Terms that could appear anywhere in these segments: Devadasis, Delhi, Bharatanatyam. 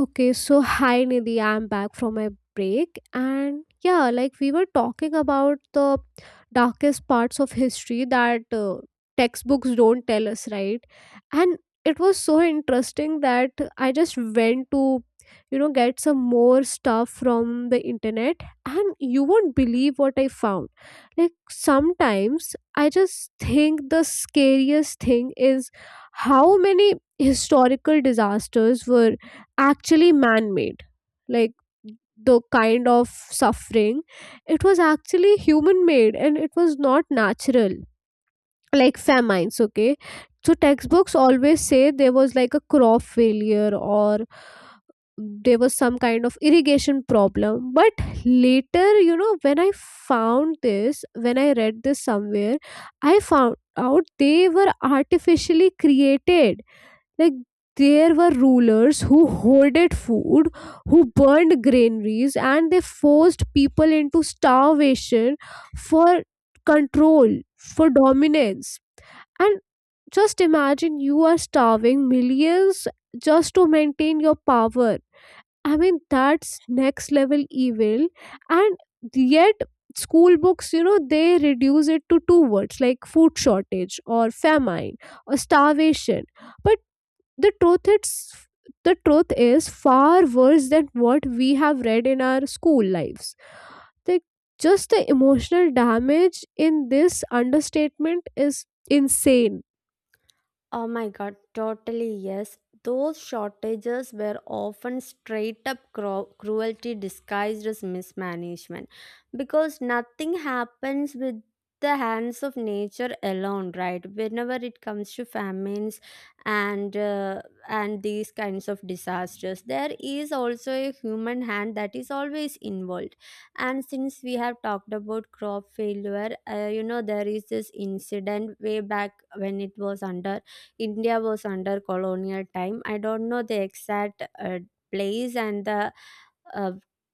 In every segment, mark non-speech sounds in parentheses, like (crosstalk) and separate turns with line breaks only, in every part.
Okay, so hi Nidhi, I'm back from my break. And yeah, like we were talking about the darkest parts of history that textbooks don't tell us, right? And it was so interesting that I just went to, you know, get some more stuff from the internet, and you won't believe what I found. Like sometimes I just think the scariest thing is how many historical disasters were actually man made, like the kind of suffering. It was actually human made and it was not natural, like famines. Okay, so textbooks always say there was like a crop failure or there was some kind of irrigation problem, but later, you know, when I found this, when I read this somewhere, I found out they were artificially created. Like, there were rulers who hoarded food, who burned granaries, and they forced people into starvation for control, for dominance. And just imagine, you are starving millions just to maintain your power. I mean, that's next level evil. And yet school books, you know, they reduce it to two words, like food shortage or famine or starvation. But the truth, it's the truth is far worse than what we have read in our school lives. Like, just the emotional damage in this understatement is insane.
Oh my god, totally yes. Those shortages were often straight up cruelty disguised as mismanagement because nothing happens with the hands of nature alone, right? Whenever it comes to famines and uh, and these kinds of disasters, there is also a human hand that is always involved. And since we have talked about crop failure, there is this incident way back when it was under India was under colonial time. I don't know the exact place and the uh,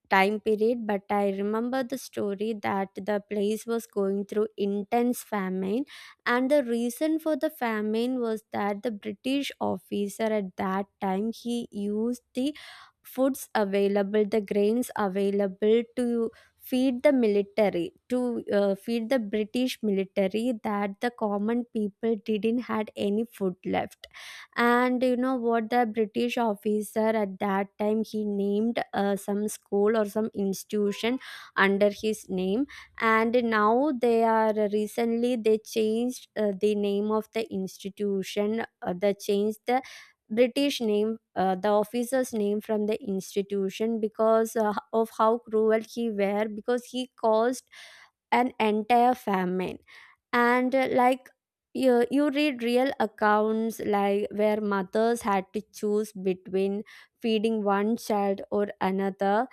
time period, but I remember the story that the place was going through intense famine. And the reason for the famine was that the British officer at that time, he used the foods available, the grains available, to feed the military, to feed the British military, that the common people didn't had any food left. And you know what, the British officer at that time, he named some school or some institution under his name. And now they are recently they changed the name of the institution. They changed the British name, the officer's name, from the institution because of how cruel he were, because he caused an entire famine. And like, you read real accounts, like where mothers had to choose between feeding one child or another,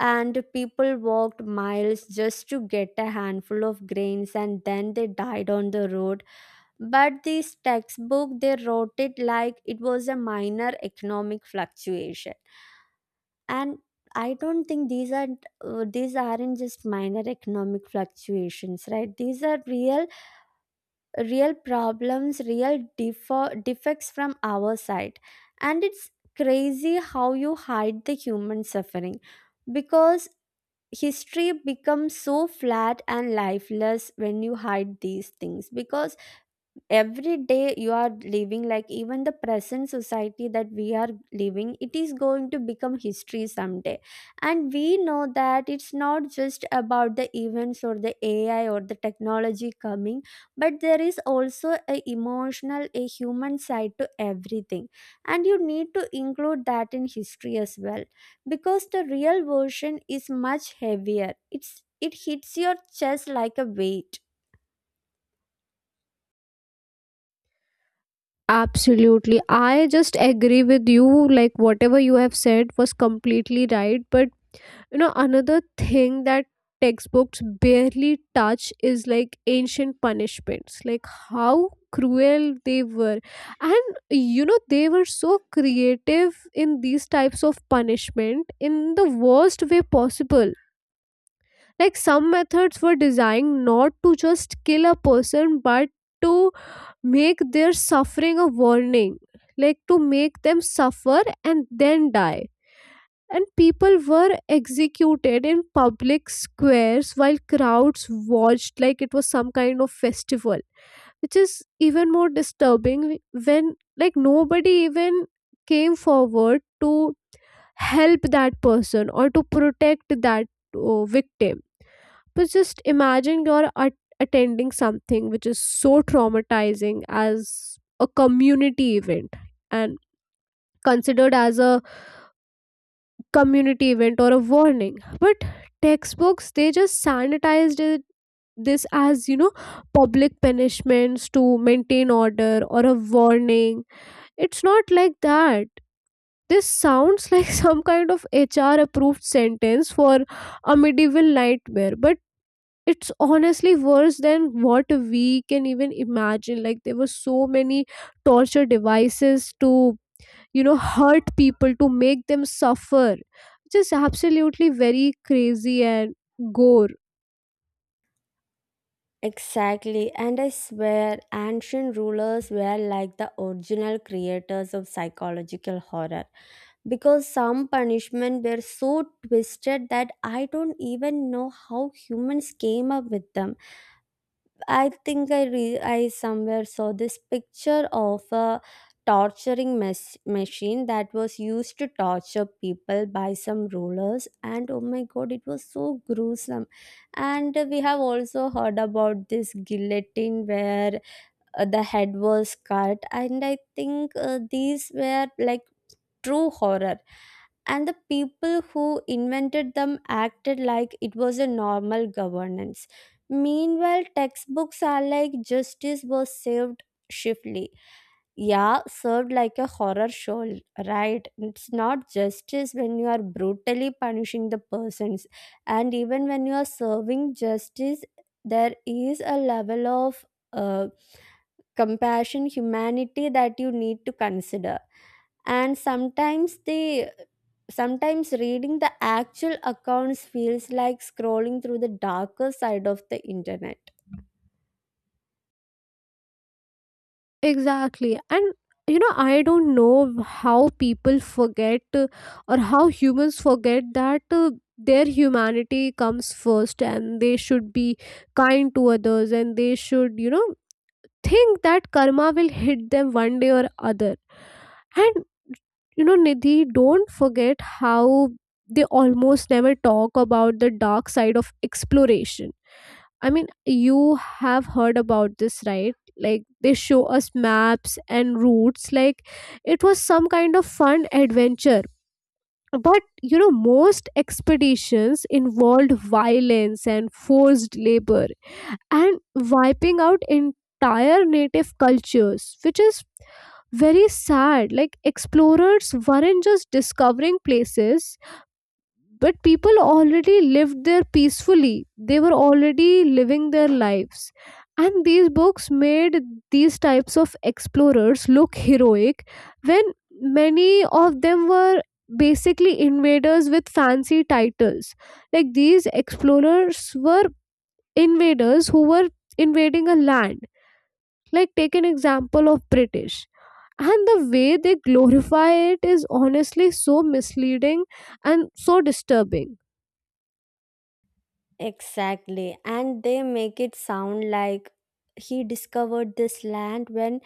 and people walked miles just to get a handful of grains and then they died on the road. But this textbook, they wrote it like it was a minor economic fluctuation. And I don't think these are these aren't just minor economic fluctuations, right? These are real, real problems, real defects from our side, and it's crazy how you hide the human suffering, because history becomes so flat and lifeless when you hide these things. Because every day you are living, like even the present society that we are living, it is going to become history someday. And we know that it's not just about the events or the AI or the technology coming, but there is also a emotional a human side to everything, and you need to include that in history as well, because the real version is much heavier. It's it hits your chest like a weight.
Absolutely, I just agree with you. Like, whatever you have said was completely right. But you know, another thing that textbooks barely touch is like ancient punishments. Like, how cruel they were. And you know, they were so creative in these types of punishment in the worst way possible. Like, some methods were designed not to just kill a person but to make their suffering a warning. Like, to make them suffer and then die. And people were executed in public squares while crowds watched like it was some kind of festival, which is even more disturbing when, like, nobody even came forward to help that person or to protect that victim. But just imagine, you're attending something which is so traumatizing as a community event and considered as a community event or a warning. But textbooks, they just sanitized it, this, as you know, public punishments to maintain order or a warning. It's not like that. This sounds like (laughs) some kind of HR approved sentence for a medieval nightmare. But it's honestly worse than what we can even imagine. Like, there were so many torture devices to, you know, hurt people, to make them suffer. Just absolutely very crazy and gore.
Exactly, and I swear ancient rulers were like the original creators of psychological horror, because some punishment were so twisted that I don't even know how humans came up with them. I think I somewhere saw this picture of a torturing machine that was used to torture people by some rulers, and oh my god, it was so gruesome. And we have also heard about this guillotine where the head was cut, and I think these were like true horror. And the people who invented them acted like it was a normal governance. Meanwhile, textbooks are like, justice was served shiftly. Yeah, served like a horror show, right? It's not justice when you are brutally punishing the persons, and even when you are serving justice, there is a level of uh, compassion, humanity that you need to consider. And sometimes reading the actual accounts feels like scrolling through the darker side of the internet.
Exactly. And you know, I don't know how people forget, or how humans forget that their humanity comes first and they should be kind to others, and they should, you know, think that karma will hit them one day or other. And you know, Nidhi, don't forget how they almost never talk about the dark side of exploration. I mean, you have heard about this, right? Like, they show us maps and routes like it was some kind of fun adventure. But you know, most expeditions involved violence and forced labor and wiping out entire native cultures, which is very sad. Like, explorers weren't just discovering places, but people already lived there peacefully. They were already living their lives. And these books made these types of explorers look heroic when many of them were basically invaders with fancy titles. Like, these explorers were invaders who were invading a land. Like, take an example of British, and the way they glorify it is honestly so misleading and so disturbing.
Exactly, and they make it sound like he discovered this land when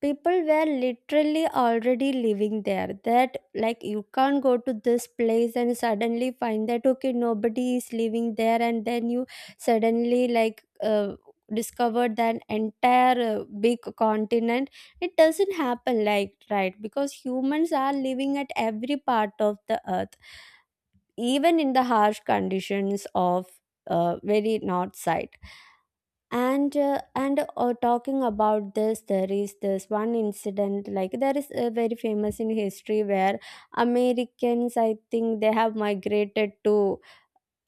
people were literally already living there. That, like, you can't go to this place and suddenly find that okay, nobody is living there, and then you suddenly like discovered that entire big continent. It doesn't happen like, right? Because humans are living at every part of the earth, even in the harsh conditions of very north side. And talking about this, there is this one incident, like there is very famous in history where Americans, I think they have migrated to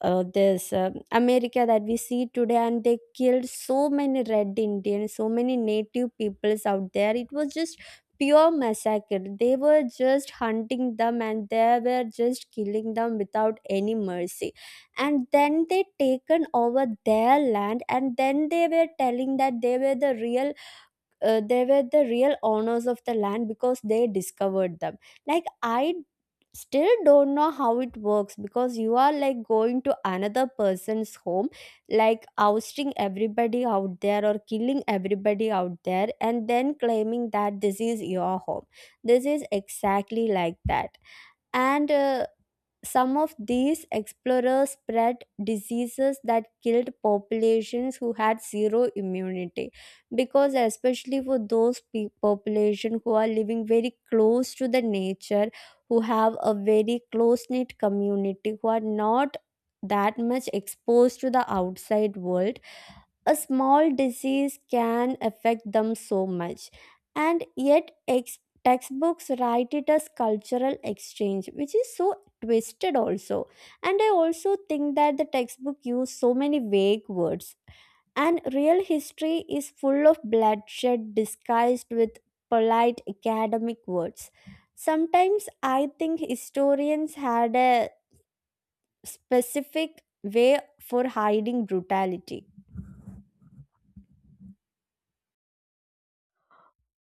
this America that we see today, and they killed so many red Indians, so many native peoples out there. It was just pure massacre. They were just hunting them and they were just killing them without any mercy. And then they taken over their land, and then they were telling that they were the real, they were the real owners of the land because they discovered them. Like, I still don't know how it works, because you are like going to another person's home, like ousting everybody out there or killing everybody out there and then claiming that this is your home. This is exactly like that. And some of these explorers spread diseases that killed populations who had zero immunity, because especially for those population who are living very close to the nature, who have a very close knit community, who are not that much exposed to the outside world, a small disease can affect them so much. And yet textbooks write it as cultural exchange, which is so twisted also. And I also think that the textbook use so many vague words, and real history is full of bloodshed disguised with polite academic words. Sometimes I think historians had a specific way for hiding brutality.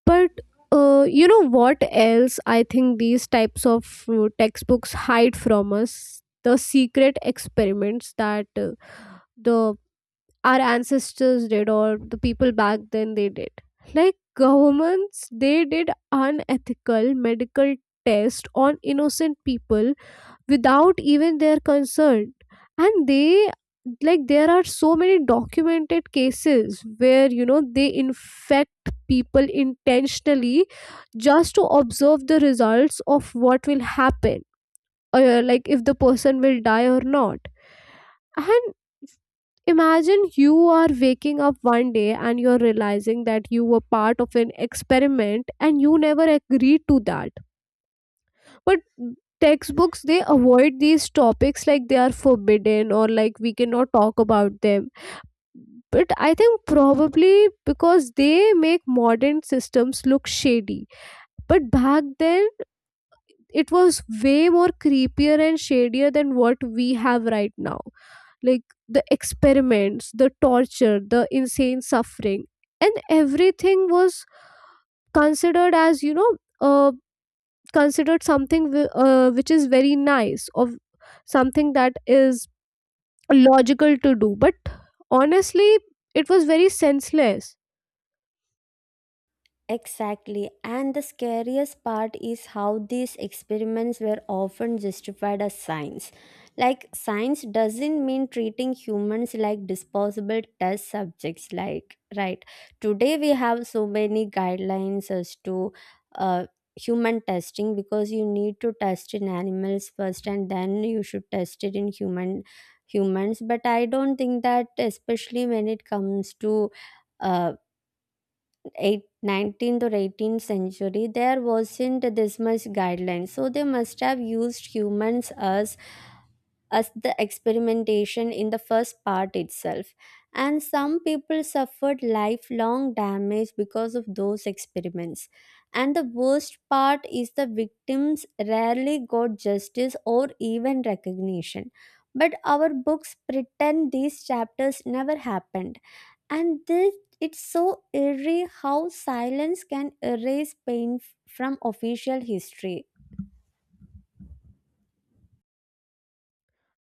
But you know what else I think these types of textbooks hide from us? The secret experiments that the our ancestors did, or the people back then they did. Like, governments, they did unethical medical tests on innocent people without even their consent. And they, like, there are so many documented cases where, you know, they infect people intentionally just to observe the results of what will happen, or like if the person will die or not. And imagine, you are waking up one day and you're realizing that you were part of an experiment and you never agreed to that. But textbooks, they avoid these topics like they are forbidden or like we cannot talk about them. But I think probably because they make modern systems look shady. But back then it was way more creepier and shadier than what we have right now. Like, the experiments, the torture, the insane suffering, and everything was considered as, you know, a, considered something which is very nice, or something that is logical to do. But honestly, it was very senseless.
Exactly. And the scariest part is how these experiments were often justified as science. Like, science doesn't mean treating humans like disposable test subjects, like, right? Today, we have so many guidelines as to uh, human testing, because you need to test in animals first and then you should test it in humans, but I don't think that, especially when it comes to uh, Eight 19th or 18th century, there wasn't this much guidelines, so they must have used humans as the experimentation in the first part itself. And some people suffered lifelong damage because of those experiments, and the worst part is the victims rarely got justice or even recognition, but our books pretend these chapters never happened. and this, it's so eerie how silence can erase pain from official history.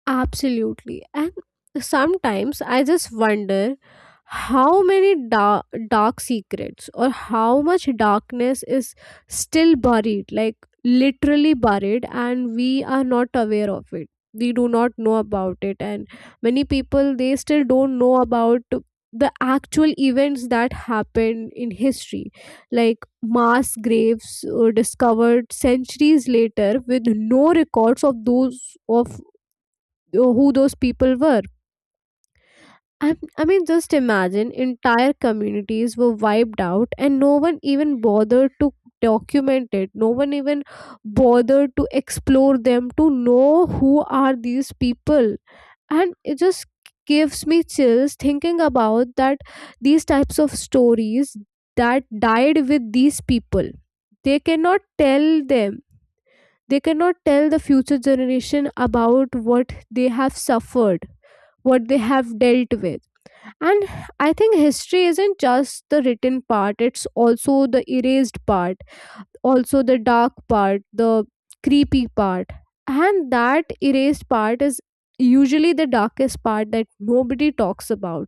Absolutely. And sometimes I just wonder how many dark, dark secrets or how much darkness is still buried, like literally buried, and we are not aware of it. We do not know about it. And many people, they still don't know about the actual events that happened in history, like mass graves discovered centuries later with no records of those, of who those people were. I mean, just imagine, entire communities were wiped out and no one even bothered to document it. No one even bothered to explore them to know who are these people. And it just gives me chills thinking about that, these types of stories that died with these people. They cannot tell them. They cannot tell the future generation about what they have suffered, what they have dealt with. And I think history isn't just the written part, it's also the erased part, also the dark part, the creepy part. And that erased part is usually the darkest part that nobody talks about.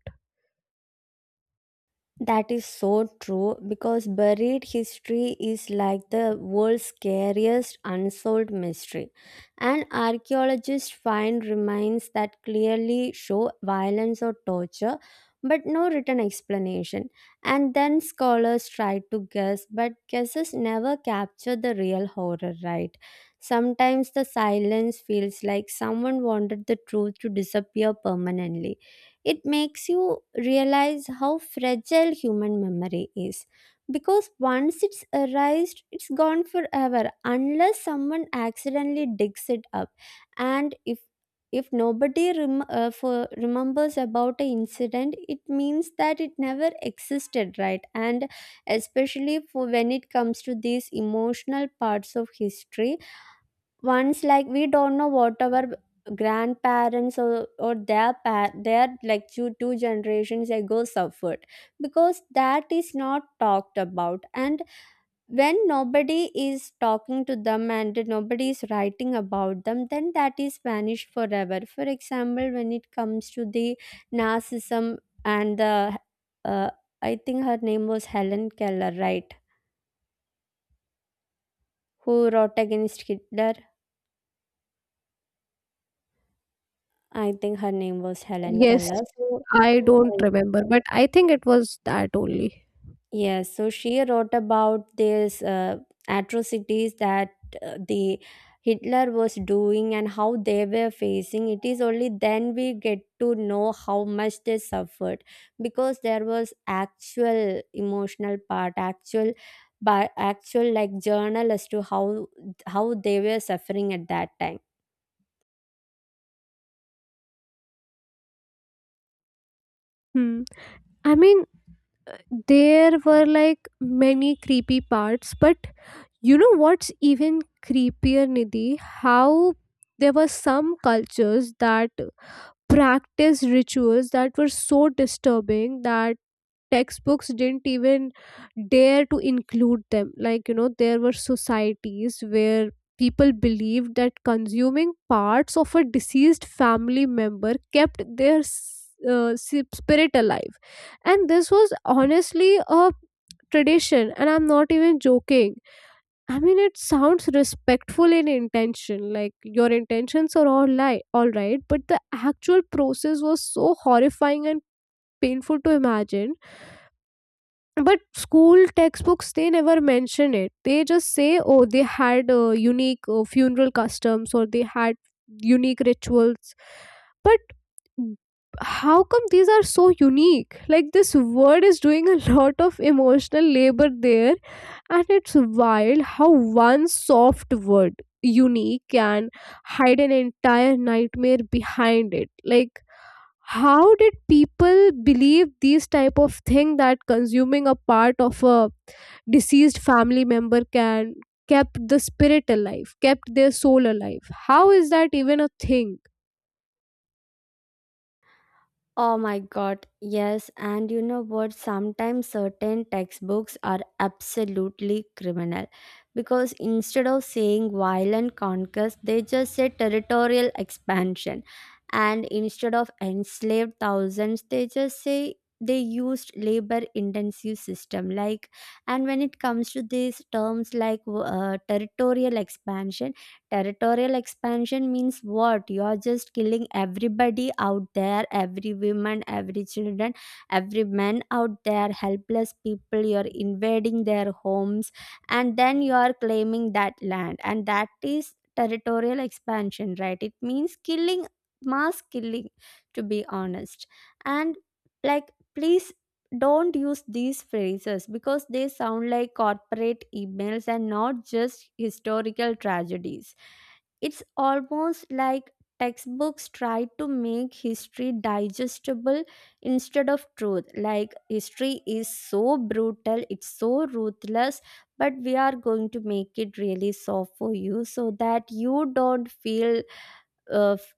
That is so true, because buried history is like the world's scariest unsolved mystery. And archaeologists find remains that clearly show violence or torture, but no written explanation. And then scholars try to guess, but guesses never capture the real horror, right? Sometimes the silence feels like someone wanted the truth to disappear permanently. It makes you realize how fragile human memory is, because once it's erased, it's gone forever, unless someone accidentally digs it up. And if nobody remembers about an incident, it means that it never existed, right? And especially for when it comes to these emotional parts of history, once, like, we don't know what our grandparents or their their, like, two generations ago suffered, because that is not talked about. And when nobody is talking to them and nobody is writing about them, then that is vanished forever. For example, when it comes to the narcissism and the uh, I think her name was Helen Keller, right? Who wrote against Hitler. I think her name was Helen
Yes,
Keller, so.
I don't remember, but I think it was that only.
Yes, so she wrote about these atrocities that the Hitler was doing and how they were facing. It is only then we get to know how much they suffered, because there was actual emotional part, actual, but actual, like, journal as to how they were suffering at that time.
Hmm. I mean, there were like many creepy parts. But you know what's even creepier, Nidhi? How there were some cultures that practiced rituals that were so disturbing that textbooks didn't even dare to include them. Like, you know, there were societies where people believed that consuming parts of a deceased family member kept their spirit alive. And this was honestly a tradition, and I'm not even joking. I mean, it sounds respectful in intention, like your intentions are all all right, but the actual process was so horrifying and painful to imagine. But school textbooks, they never mention it. They just say, oh, they had unique funeral customs, or they had unique rituals. But how come these are so unique? Like, this word is doing a (laughs) lot of emotional labor there. And it's wild how one soft word, unique, can hide an entire nightmare behind it. Like, how did people believe these type of thing, that consuming a part of a deceased family member can kept the spirit alive, kept their soul alive? How is that even a thing?
Oh my god, yes, and you know what? Sometimes certain textbooks are absolutely criminal, because instead of saying violent conquest, they just say territorial expansion, and instead of enslaved thousands, they just say they used labor intensive system, like. And when it comes to these terms like territorial expansion. Territorial expansion means what? You're just killing everybody out there, every woman, every children, every man out there, helpless people. You're invading their homes, and then you are claiming that land. And that is territorial expansion, right? It means killing, mass killing, to be honest. And, like, please don't use these phrases, because they sound like corporate emails and not just historical tragedies. It's almost like textbooks try to make history digestible instead of truth. Like, history is so brutal, it's so ruthless, but we are going to make it really soft for you so that you don't feel. Uh, f-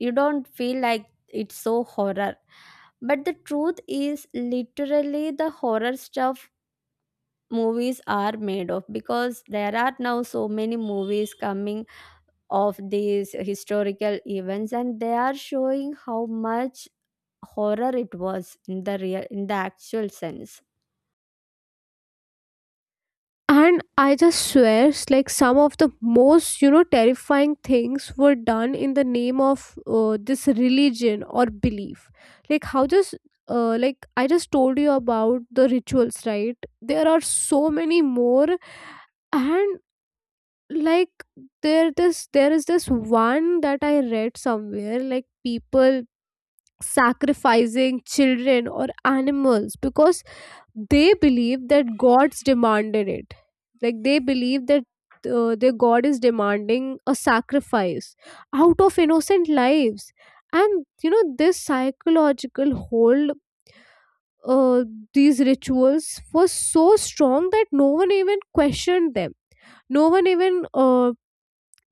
you don't feel like it's so horror, but the truth is literally the horror stuff movies are made of, because there are now so many movies coming of these historical events, and they are showing how much horror it was in the actual sense.
And I just swear, like some of the most, you know, terrifying things were done in the name of this religion or belief. Like, how just, like I just told you about the rituals, right? There are so many more, and like, there is this one that I read somewhere, like people sacrificing children or animals because they believe that gods demanded it. Like, they believe that their god is demanding a sacrifice out of innocent lives. And you know, this psychological hold, uh, these rituals was so strong that no one even questioned them. No one even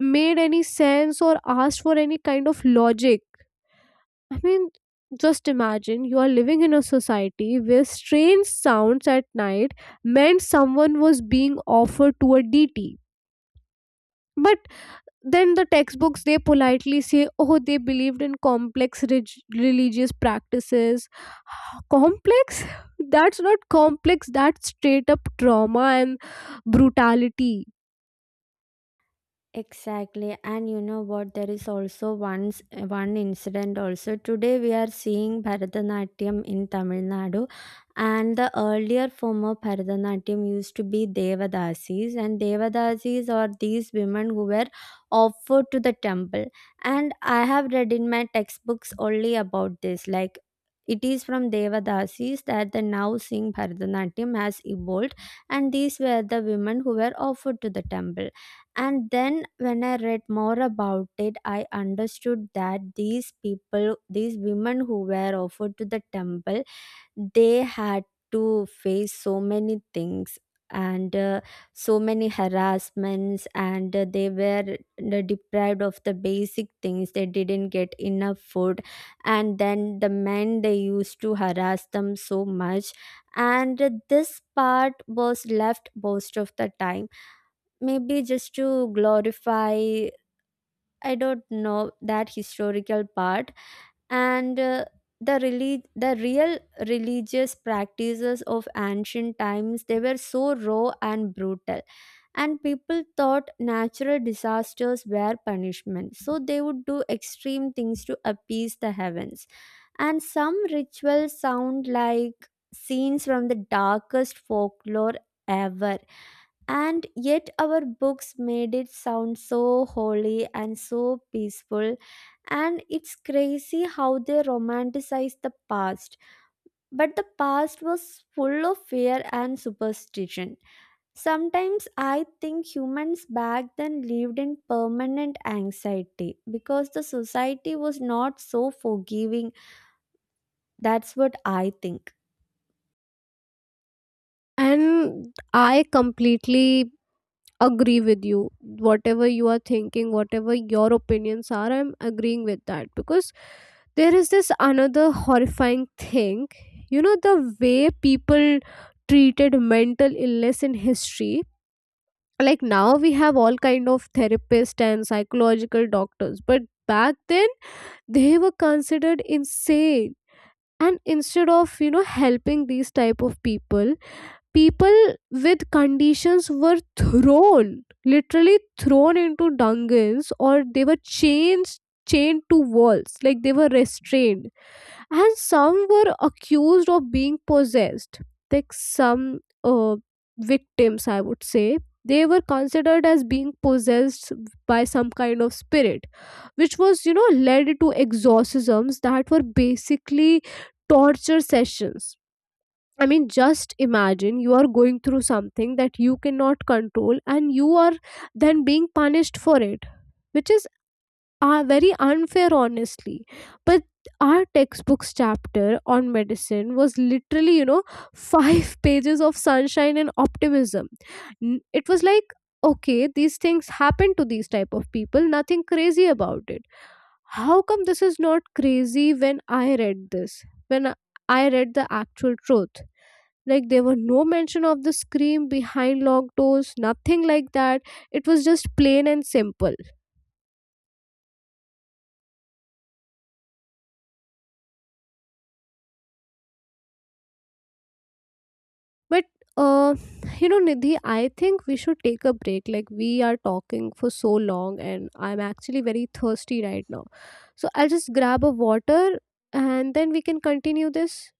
made any sense or asked for any kind of logic. I mean, just imagine, you are living in a society where strange sounds at night meant someone was being offered to a DT. But then the textbooks, they politely say, oh, they believed in complex religious practices. Complex? (laughs) That's not complex, that's straight up trauma and brutality.
Exactly, and you know what? There is also once one incident. Also, today we are seeing Bharatanatyam in Tamil Nadu, and the earlier form of Bharatanatyam used to be Devadasis, and Devadasis are these women who were offered to the temple. And I have read in my textbooks only about this, like. It is from Devadasis that the now seeing Bharatanatyam has evolved, and these were the women who were offered to the temple. And then when I read more about it, I understood that these people, these women who were offered to the temple, they had to face so many things, and so many harassments, and they were deprived of the basic things. They didn't get enough food, and then the men they used to harass them so much. And this part was left most of the time, maybe just to glorify, I don't know, that historical part. And the the real religious practices of ancient times, they were so raw and brutal. And people thought natural disasters were punishment, so they would do extreme things to appease the heavens. And some rituals sound like scenes from the darkest folklore ever. And yet, our books made it sound so holy and so peaceful. And it's crazy how they romanticize the past. But the past was full of fear and superstition. Sometimes I think humans back then lived in permanent anxiety, because the society was not so forgiving. That's what I think.
And I completely agree with you, whatever you are thinking, whatever your opinions are, I'm agreeing with that. Because there is this another horrifying thing, you know, the way people treated mental illness in history. Like, now we have all kind of therapists and psychological doctors, but back then they were considered insane. And instead of, you know, helping these type of people, people with conditions were thrown, literally thrown into dungeons, or they were chains chained to walls, like they were restrained. And some were accused of being possessed. Like, some uh, victims, I would say, they were considered as being possessed by some kind of spirit, which was, you know, led to exorcisms that were basically torture sessions. I mean, just imagine, you are going through something that you cannot control, and you are then being punished for it, which is very unfair, honestly. But our textbooks chapter on medicine was literally, you know, five (laughs) pages of sunshine and optimism. It was like, okay, these things happen to these type of people, nothing crazy about it. How come this is not crazy when I read this? When I read the actual truth? Like, there were no mention of the scream behind locked doors, nothing like that. It was just plain and simple. But uh, you know, Nidhi, I think we should take a break. Like, we are talking for so long, and I'm actually very thirsty right now. So I'll just grab a water, and then we can continue this.